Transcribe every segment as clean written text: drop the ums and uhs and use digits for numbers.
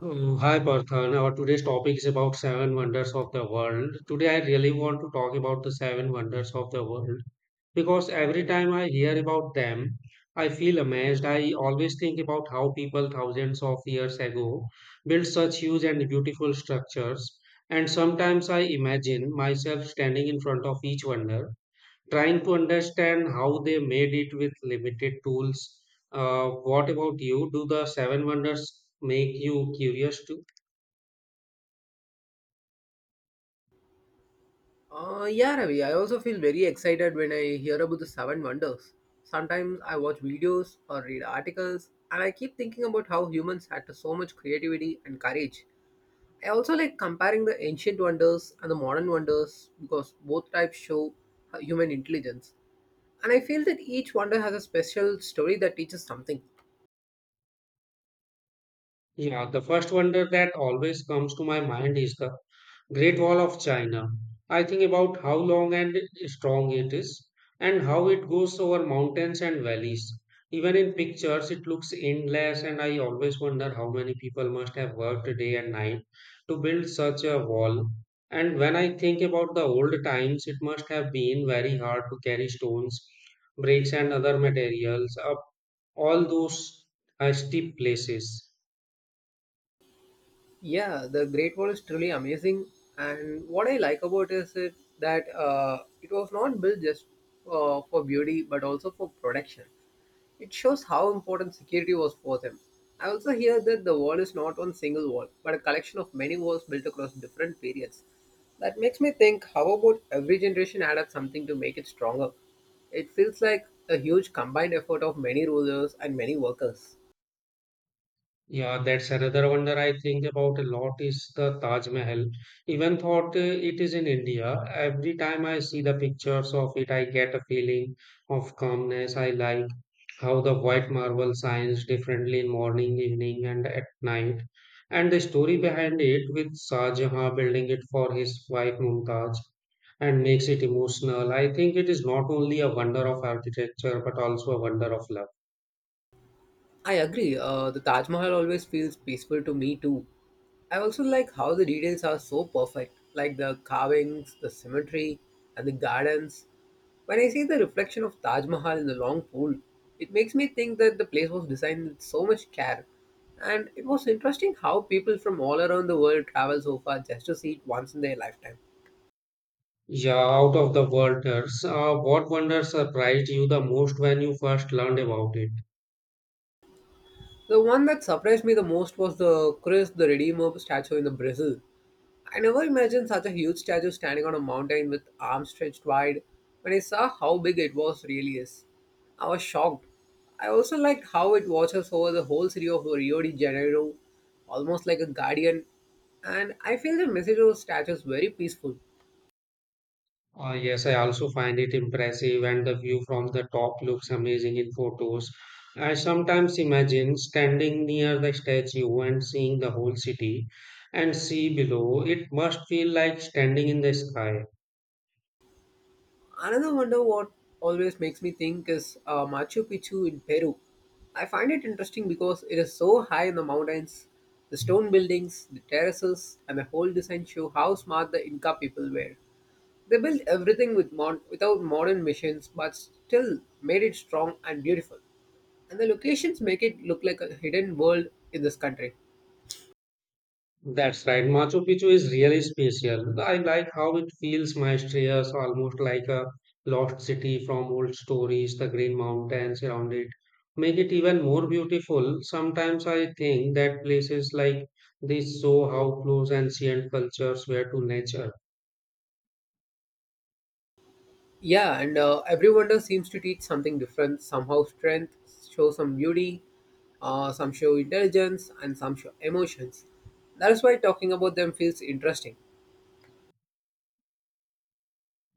Hi Parthan, our today's topic is about seven wonders of the world. Today I really want to talk about the seven wonders of the world because every time I hear about them, I feel amazed. I always think about how people thousands of years ago built such huge and beautiful structures, and sometimes I imagine myself standing in front of each wonder trying to understand how they made it with limited tools. Uh, what about you? Do the seven wonders make you curious too? Yeah, Ravi, I also feel very excited when I hear about the seven wonders. Sometimes I watch videos or read articles, and I keep thinking about how humans had so much creativity and courage. I also like comparing the ancient wonders and the modern wonders because both types show human intelligence. And I feel that each wonder has a special story that teaches something. Yeah, the first wonder that always comes to my mind is the Great Wall of China. I think about how long and strong it is and how it goes over mountains and valleys. Even in pictures, it looks endless, and I always wonder how many people must have worked day and night to build such a wall. And when I think about the old times, it must have been very hard to carry stones, bricks, and other materials up all those steep places. Yeah, the Great Wall is truly amazing, and what I like about is it that it was not built just for beauty but also for protection. It shows how important security was for them. I also hear that the wall is not one single wall, but a collection of many walls built across different periods. That makes me think how about every generation added something to make it stronger? It feels like a huge combined effort of many rulers and many workers. Yeah, that's another wonder I think about a lot is the Taj Mahal. Even thought it is in India, every time I see the pictures of it, I get a feeling of calmness. I like how the white marble shines differently in morning, evening, and at night. And the story behind it with Shah Jahan building it for his wife Mumtaz and makes it emotional. I think it is not only a wonder of architecture but also a wonder of love. I agree. The Taj Mahal always feels peaceful to me too. I also like how the details are so perfect, like the carvings, the symmetry, and the gardens. When I see the reflection of Taj Mahal in the long pool, it makes me think that the place was designed with so much care. And it was interesting how people from all around the world travel so far just to see it once in their lifetime. Yeah, out of the wonders, what wonder surprised you the most when you first learned about it? The one that surprised me the most was the Christ the Redeemer statue in the Brazil. I never imagined such a huge statue standing on a mountain with arms stretched wide. When I saw how big it was really is, I was shocked. I also liked how it watches over the whole city of Rio de Janeiro, almost like a guardian. And I feel the message of the statue is very peaceful. Yes, I also find it impressive, and the view from the top looks amazing in photos. I sometimes imagine standing near the statue and seeing the whole city and sea below. It must feel like standing in the sky. Another wonder what always makes me think is Machu Picchu in Peru. I find it interesting because it is so high in the mountains. The stone buildings, the terraces, and the whole design show how smart the Inca people were. They built everything with without modern machines, but still made it strong and beautiful. And the locations make it look like a hidden world in this country. That's right. Machu Picchu is really special. I like how it feels mysterious, almost like a lost city from old stories. The green mountains around it make it even more beautiful. Sometimes I think that places like this show how close ancient cultures were to nature. Yeah, and every wonder seems to teach something different. Somehow, strength show some beauty, some show intelligence, and some show emotions. That is why talking about them feels interesting.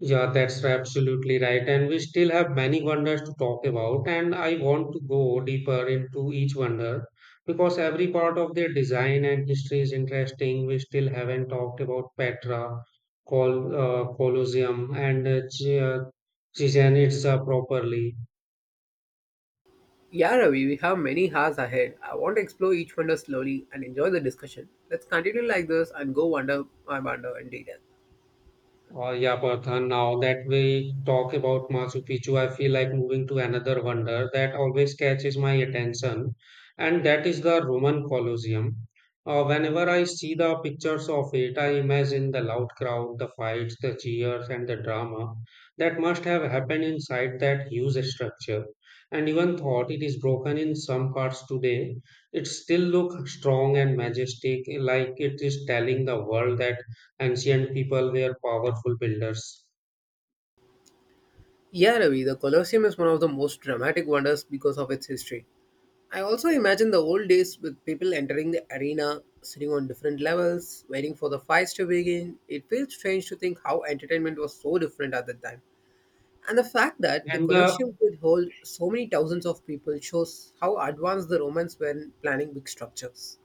Yeah, that's absolutely right. And we still have many wonders to talk about. And I want to go deeper into each wonder because every part of their design and history is interesting. We still haven't talked about Petra, Colosseum, and Chichen Itza properly. Yeah, Ravi, we have many hours ahead. I want to explore each wonder slowly and enjoy the discussion. Let's continue like this and go wonder by wonder in detail. Oh, yeah, Partha, now that we talk about Machu Picchu, I feel like moving to another wonder that always catches my attention, and that is the Roman Colosseum. Whenever I see the pictures of it, I imagine the loud crowd, the fights, the cheers, and the drama that must have happened inside that huge structure. And even though it is broken in some parts today, it still looks strong and majestic, like it is telling the world that ancient people were powerful builders. Yeah, Ravi, the Colosseum is one of the most dramatic wonders because of its history. I also imagine the old days with people entering the arena, sitting on different levels, waiting for the fights to begin. It feels strange to think how entertainment was so different at that time. And the fact that the And Colosseum could hold so many thousands of people shows how advanced the Romans were in planning big structures.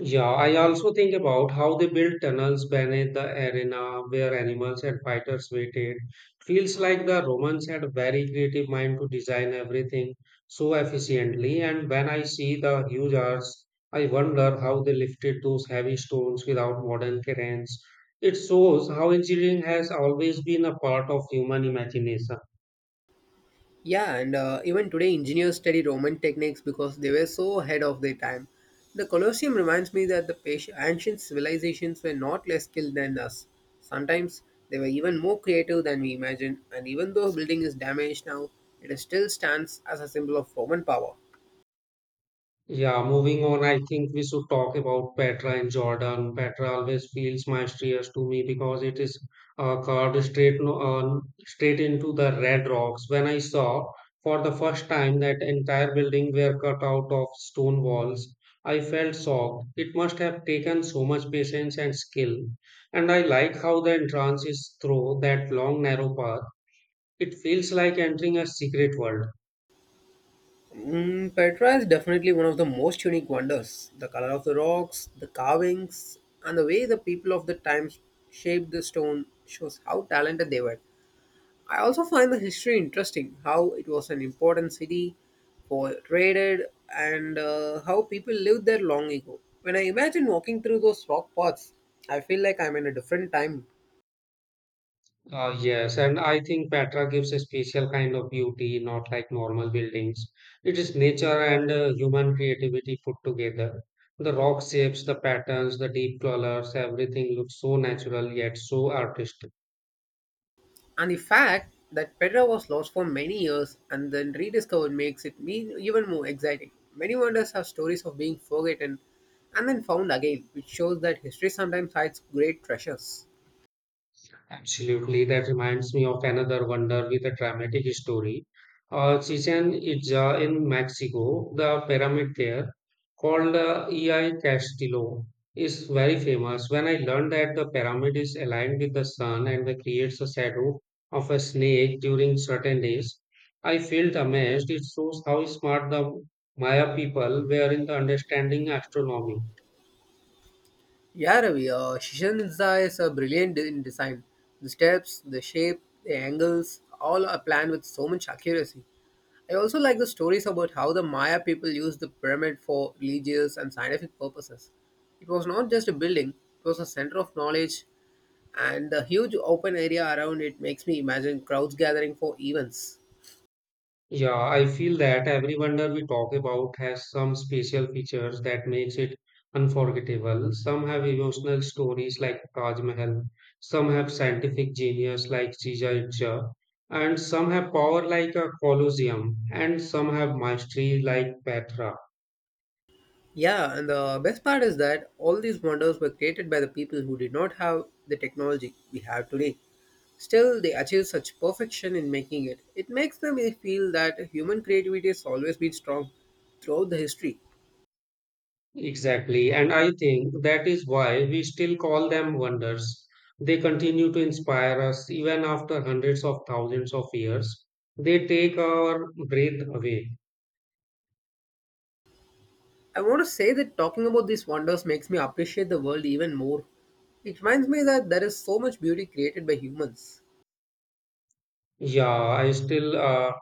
yeah, I also think about how they built tunnels beneath the arena where animals and fighters waited. Feels like the Romans had a very creative mind to design everything so efficiently. And when I see the huge arches, I wonder how they lifted those heavy stones without modern cranes. It shows how engineering has always been a part of human imagination. Yeah, and even today, engineers study Roman techniques because they were so ahead of their time. The Colosseum reminds me that the patient, ancient civilizations were not less skilled than us. Sometimes they were even more creative than we imagine, and even though the building is damaged now, it still stands as a symbol of Roman power. Yeah, moving on, I think we should talk about Petra in Jordan. Petra always feels mysterious to me because it is carved straight no, straight into the red rocks. When I saw for the first time that entire building were cut out of stone walls, I felt shocked. It must have taken so much patience and skill. And I like how the entrance is through that long narrow path. It feels like entering a secret world. Mm, Petra is definitely one of the most unique wonders. The color of the rocks, the carvings, and the way the people of the times shaped the stone shows how talented they were. I also find the history interesting how it was an important city for trade and how people lived there long ago. When I imagine walking through those rock paths, I feel like I'm in a different time. Yes, and I think Petra gives a special kind of beauty, not like normal buildings. It is nature and human creativity put together. The rock shapes, the patterns, the deep colors, everything looks so natural yet so artistic. And the fact that Petra was lost for many years and then rediscovered makes it mean even more exciting. Many wonders have stories of being forgotten and then found again, which shows that history sometimes hides great treasures. Absolutely, that reminds me of another wonder with a dramatic story. Chichen Itza in Mexico, the pyramid there, called EI Castillo, is very famous. When I learned that the pyramid is aligned with the sun and that creates a shadow of a snake during certain days, I felt amazed. It shows how smart the Maya people were in the understanding astronomy. Yeah, Ravi. Shishan Mirza is in design. The steps, the shape, the angles, all are planned with so much accuracy. I also like the stories about how the Maya people used the pyramid for religious and scientific purposes. It was not just a building, it was a center of knowledge, and the huge open area around it makes me imagine crowds gathering for events. Yeah, I feel that every wonder we talk about has some special features that makes it unforgettable. Some have emotional stories like Taj Mahal, some have scientific genius like Chichen Itza, and some have power like a Colosseum, and some have mastery like Petra. Yeah, and the best part is that all these wonders were created by the people who did not have the technology we have today. Still, they achieve such perfection in making it. It makes me feel that human creativity has always been strong throughout the history. Exactly, and I think that is why we still call them wonders. They continue to inspire us even after hundreds of thousands of years. They take our breath away. I want to say that talking about these wonders makes me appreciate the world even more. It reminds me that there is so much beauty created by humans. Yeah, I still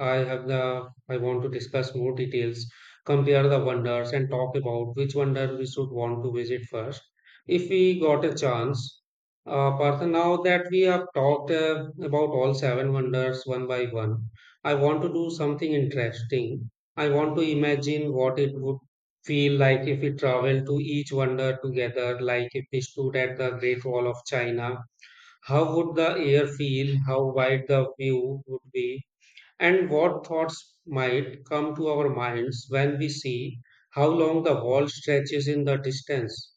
I have the I want to discuss more details, compare the wonders and talk about which wonder we should want to visit first if we got a chance. Partha, now that we have talked about all seven wonders one by one, I want to do something interesting. I want to imagine what it would feel like if we travel to each wonder together, like if we stood at the Great Wall of China how would the air feel? How wide the view would be? And what thoughts might come to our minds when we see how long the wall stretches in the distance?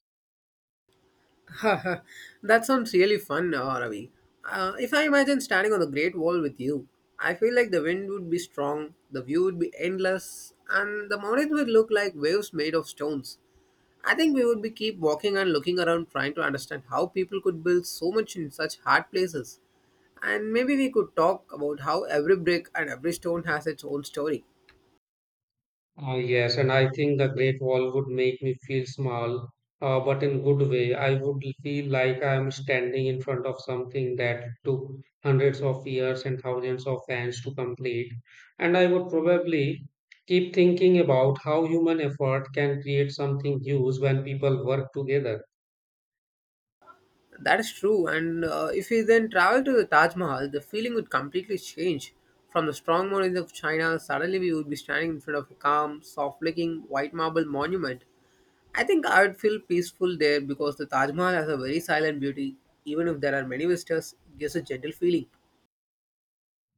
Haha, that sounds really fun, Ravi. If I imagine standing on the Great Wall with you, I feel like the wind would be strong, the view would be endless, and the mountains would look like waves made of stones. I think we would be keep walking and looking around trying to understand how people could build so much in such hard places. And maybe we could talk about how every brick and every stone has its own story. Ah yes, and I think the Great Wall would make me feel small, but in good way. I would feel like I am standing in front of something that took hundreds of years and thousands of hands to complete. And I would probably keep thinking about how human effort can create something huge when people work together. That is true. And if we then travel to the Taj Mahal, the feeling would completely change. From the strong mountains of China, suddenly we would be standing in front of a calm, soft-looking white marble monument. I think I would feel peaceful there because the Taj Mahal has a very silent beauty. Even if there are many visitors, it gives a gentle feeling.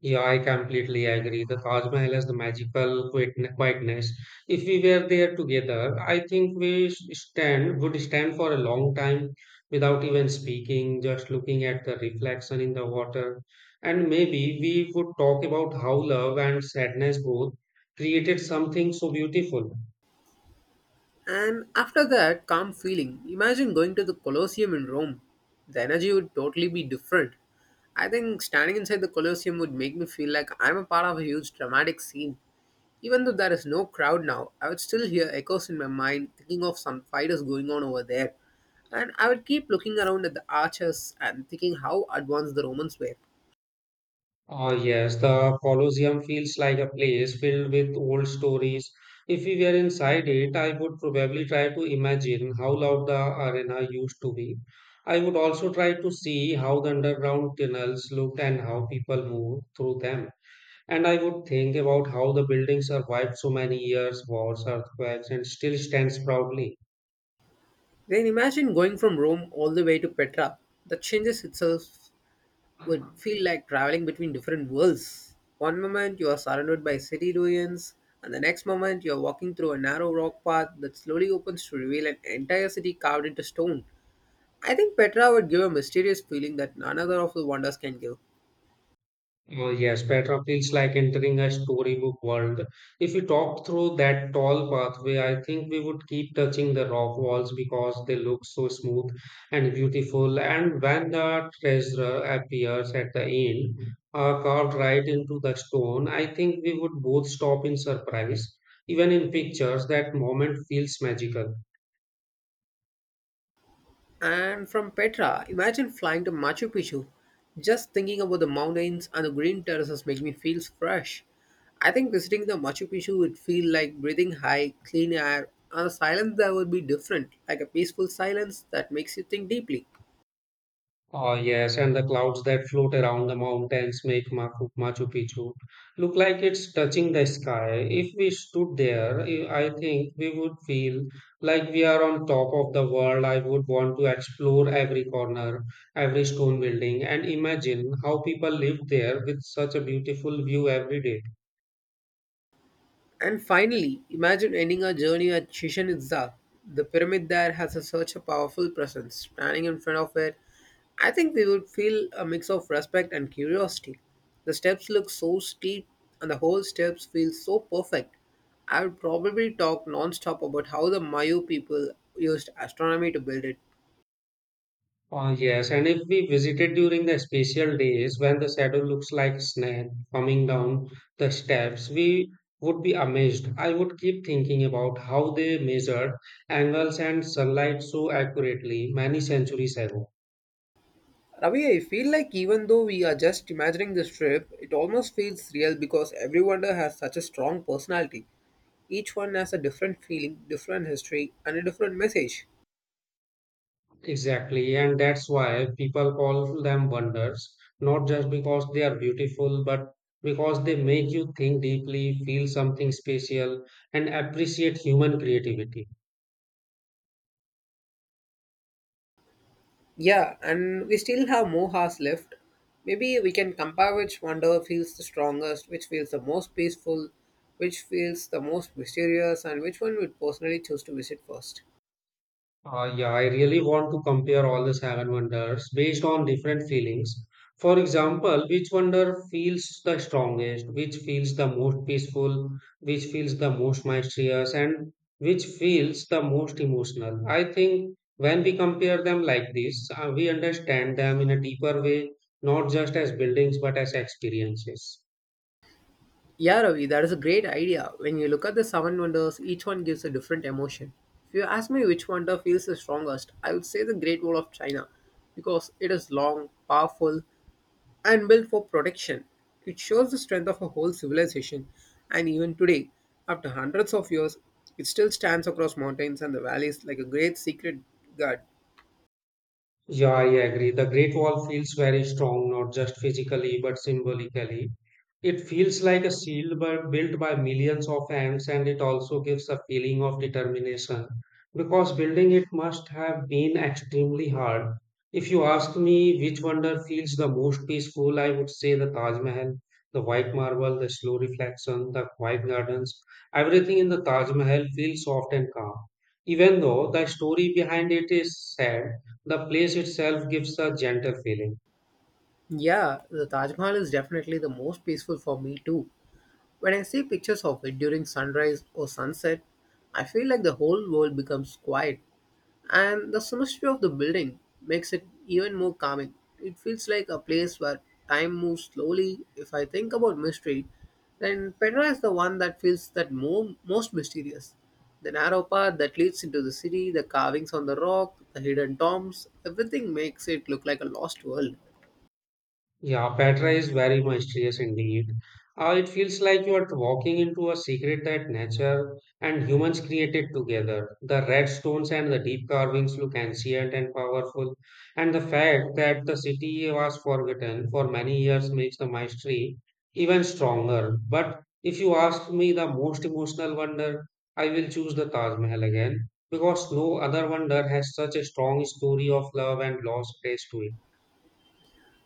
Yeah, I completely agree. The Taj Mahal has the magical quietness. If we were there together, I think we s- stand would stand for a long time without even speaking, just looking at the reflection in the water. And maybe we would talk about how love and sadness both created something so beautiful. And after that calm feeling, imagine going to the Colosseum in Rome. The energy would totally be different. I think standing inside the Colosseum would make me feel like I'm a part of a huge dramatic scene. Even though there is no crowd now, I would still hear echoes in my mind thinking of some fighters going on over there. And I would keep looking around at the arches and thinking how advanced the Romans were. Oh, yes, the Colosseum feels like a place filled with old stories. If we were inside it, I would probably try to imagine how loud the arena used to be. I would also try to see how the underground tunnels looked and how people moved through them. And I would think about how the building survived so many years, wars, earthquakes, and still stands proudly. Then imagine going from Rome all the way to Petra. That changes itself would feel like traveling between different worlds. One moment you are surrounded by city ruins, and the next moment you are walking through a narrow rock path that slowly opens to reveal an entire city carved into stone. I think Petra would give a mysterious feeling that none other of the wonders can give. Oh, yes, Petra feels like entering a storybook world. If we talk through that tall pathway, I think we would keep touching the rock walls because they look so smooth and beautiful. And when the treasure appears at the end, carved right into the stone, I think we would both stop in surprise. Even in pictures, that moment feels magical. And from Petra, imagine flying to Machu Picchu. Just thinking about the mountains and the green terraces makes me feel fresh. I think visiting the Machu Picchu would feel like breathing high, clean air, and a silence that would be different, like a peaceful silence that makes you think deeply. Oh, yes, and the clouds that float around the mountains make Machu Picchu look like it's touching the sky. If we stood there, I think we would feel like we are on top of the world. I would want to explore every corner, every stone building, and imagine how people lived there with such a beautiful view every day. And finally, imagine ending our journey at Chichen Itza. The pyramid there has a, such a powerful presence. Standing in front of it, I think we would feel a mix of respect and curiosity. The steps look so steep, and the whole steps feel so perfect. I would probably talk non-stop about how the Mayu people used astronomy to build it. Oh, yes, and if we visited during the special days when the shadow looks like a snake coming down the steps, we would be amazed. I would keep thinking about how they measured angles and sunlight so accurately many centuries ago. Ravi, I feel like even though we are just imagining this trip, it almost feels real because every wonder has such a strong personality. Each one has a different feeling, different history, and a different message. Exactly, and that's why people call them wonders, not just because they are beautiful, but because they make you think deeply, feel something special, and appreciate human creativity. Yeah, and we still have more hours left. Maybe we can compare which wonder feels the strongest, which feels the most peaceful, which feels the most mysterious, and which one would personally choose to visit first. Yeah, I really want to compare all the seven wonders based on different feelings. For example, which wonder feels the strongest, which feels the most peaceful, which feels the most mysterious, and which feels the most emotional. I think when we compare them like this, we understand them in a deeper way, not just as buildings but as experiences. Yeah, Ravi, that is a great idea. When you look at the seven wonders, each one gives a different emotion. If you ask me which wonder feels the strongest, I would say the Great Wall of China because it is long, powerful, and built for protection. It shows the strength of a whole civilization, and even today, after hundreds of years, it still stands across mountains and the valleys like a great secret guard. Yeah, I agree. The Great Wall feels very strong, not just physically, but symbolically. It feels like a shield built by millions of hands, and it also gives a feeling of determination because building it must have been extremely hard. If you ask me which wonder feels the most peaceful, I would say the Taj Mahal, the white marble, the slow reflection, the quiet gardens. Everything in the Taj Mahal feels soft and calm, even though the story behind it is sad the place itself gives a gentle feeling. Yeah, the Taj Mahal is definitely the most peaceful for me too. When I see pictures of it during sunrise or sunset, I feel like the whole world becomes quiet and the symmetry of the building makes it even more calming. It feels like a place where time moves slowly. If I think about mystery, then Petra is the one that feels that more, most mysterious. The narrow path that leads into the city, the carvings on the rock, the hidden tombs, everything makes it look like a lost world. Yeah, Petra is very mysterious indeed. It feels like you are walking into a secret that nature and humans created together. The red stones and the deep carvings look ancient and powerful, and the fact that the city was forgotten for many years makes the mystery even stronger. But if you ask me the most emotional wonder, I will choose the Taj Mahal again because no other wonder has such a strong story of love and lost grace to it.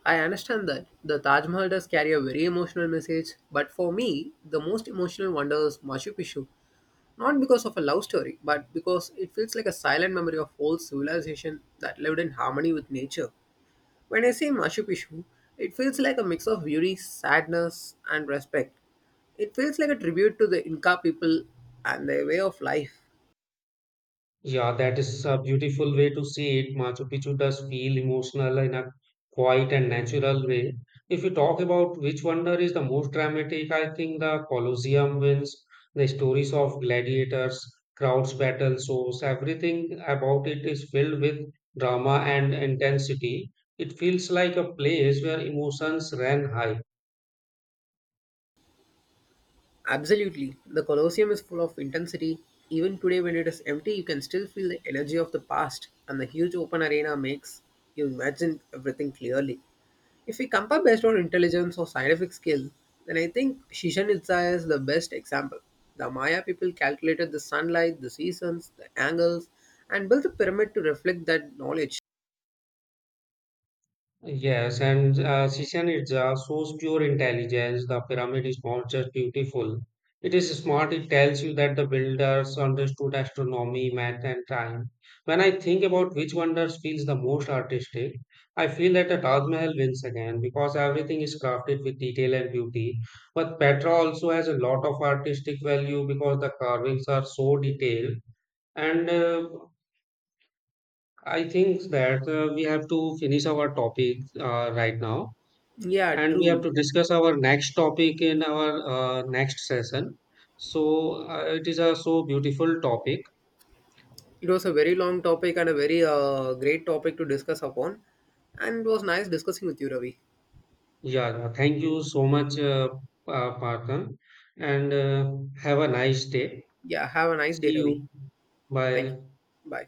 I understand that the Taj Mahal does carry a very emotional message, but for me, the most emotional wonder is Machu Picchu. Not because of a love story, but because it feels like a silent memory of old civilization that lived in harmony with nature. When I say Machu Picchu, it feels like a mix of beauty, sadness, and respect. It feels like a tribute to the Inca people and their way of life. Yeah, that is a beautiful way to see it. Machu Picchu does feel emotional in a quiet and natural way. If you talk about which wonder is the most dramatic, I think the Colosseum wins. The stories of gladiators, crowds, battle shows, everything about it is filled with drama and intensity. It feels like a place where emotions ran high. Absolutely. The Colosseum is full of intensity. Even today, when it is empty, you can still feel the energy of the past, and the huge open arena makes you imagine everything clearly. If we compare based on intelligence or scientific skill, then I think Chichen Itza is the best example. The Maya people calculated the sunlight, the seasons, the angles, and built a pyramid to reflect that knowledge. Yes, and Chichen Itza shows pure intelligence. The pyramid is not just beautiful, it is smart. It tells you that the builders understood astronomy, math, and time. When I think about which wonders feels the most artistic, I feel that the Taj Mahal wins again because everything is crafted with detail and beauty. But Petra also has a lot of artistic value because the carvings are so detailed and I think that we have to finish our topic right now Yeah, and we have true. to discuss our next topic in our next session. It is a so beautiful topic. It was a very long topic and a very great topic to discuss upon. And it was nice discussing with you, Ravi. Yeah, thank you so much, Parthan, and have a nice day. Yeah, have a nice See day, Ravi. you. Thank Bye. you. Bye.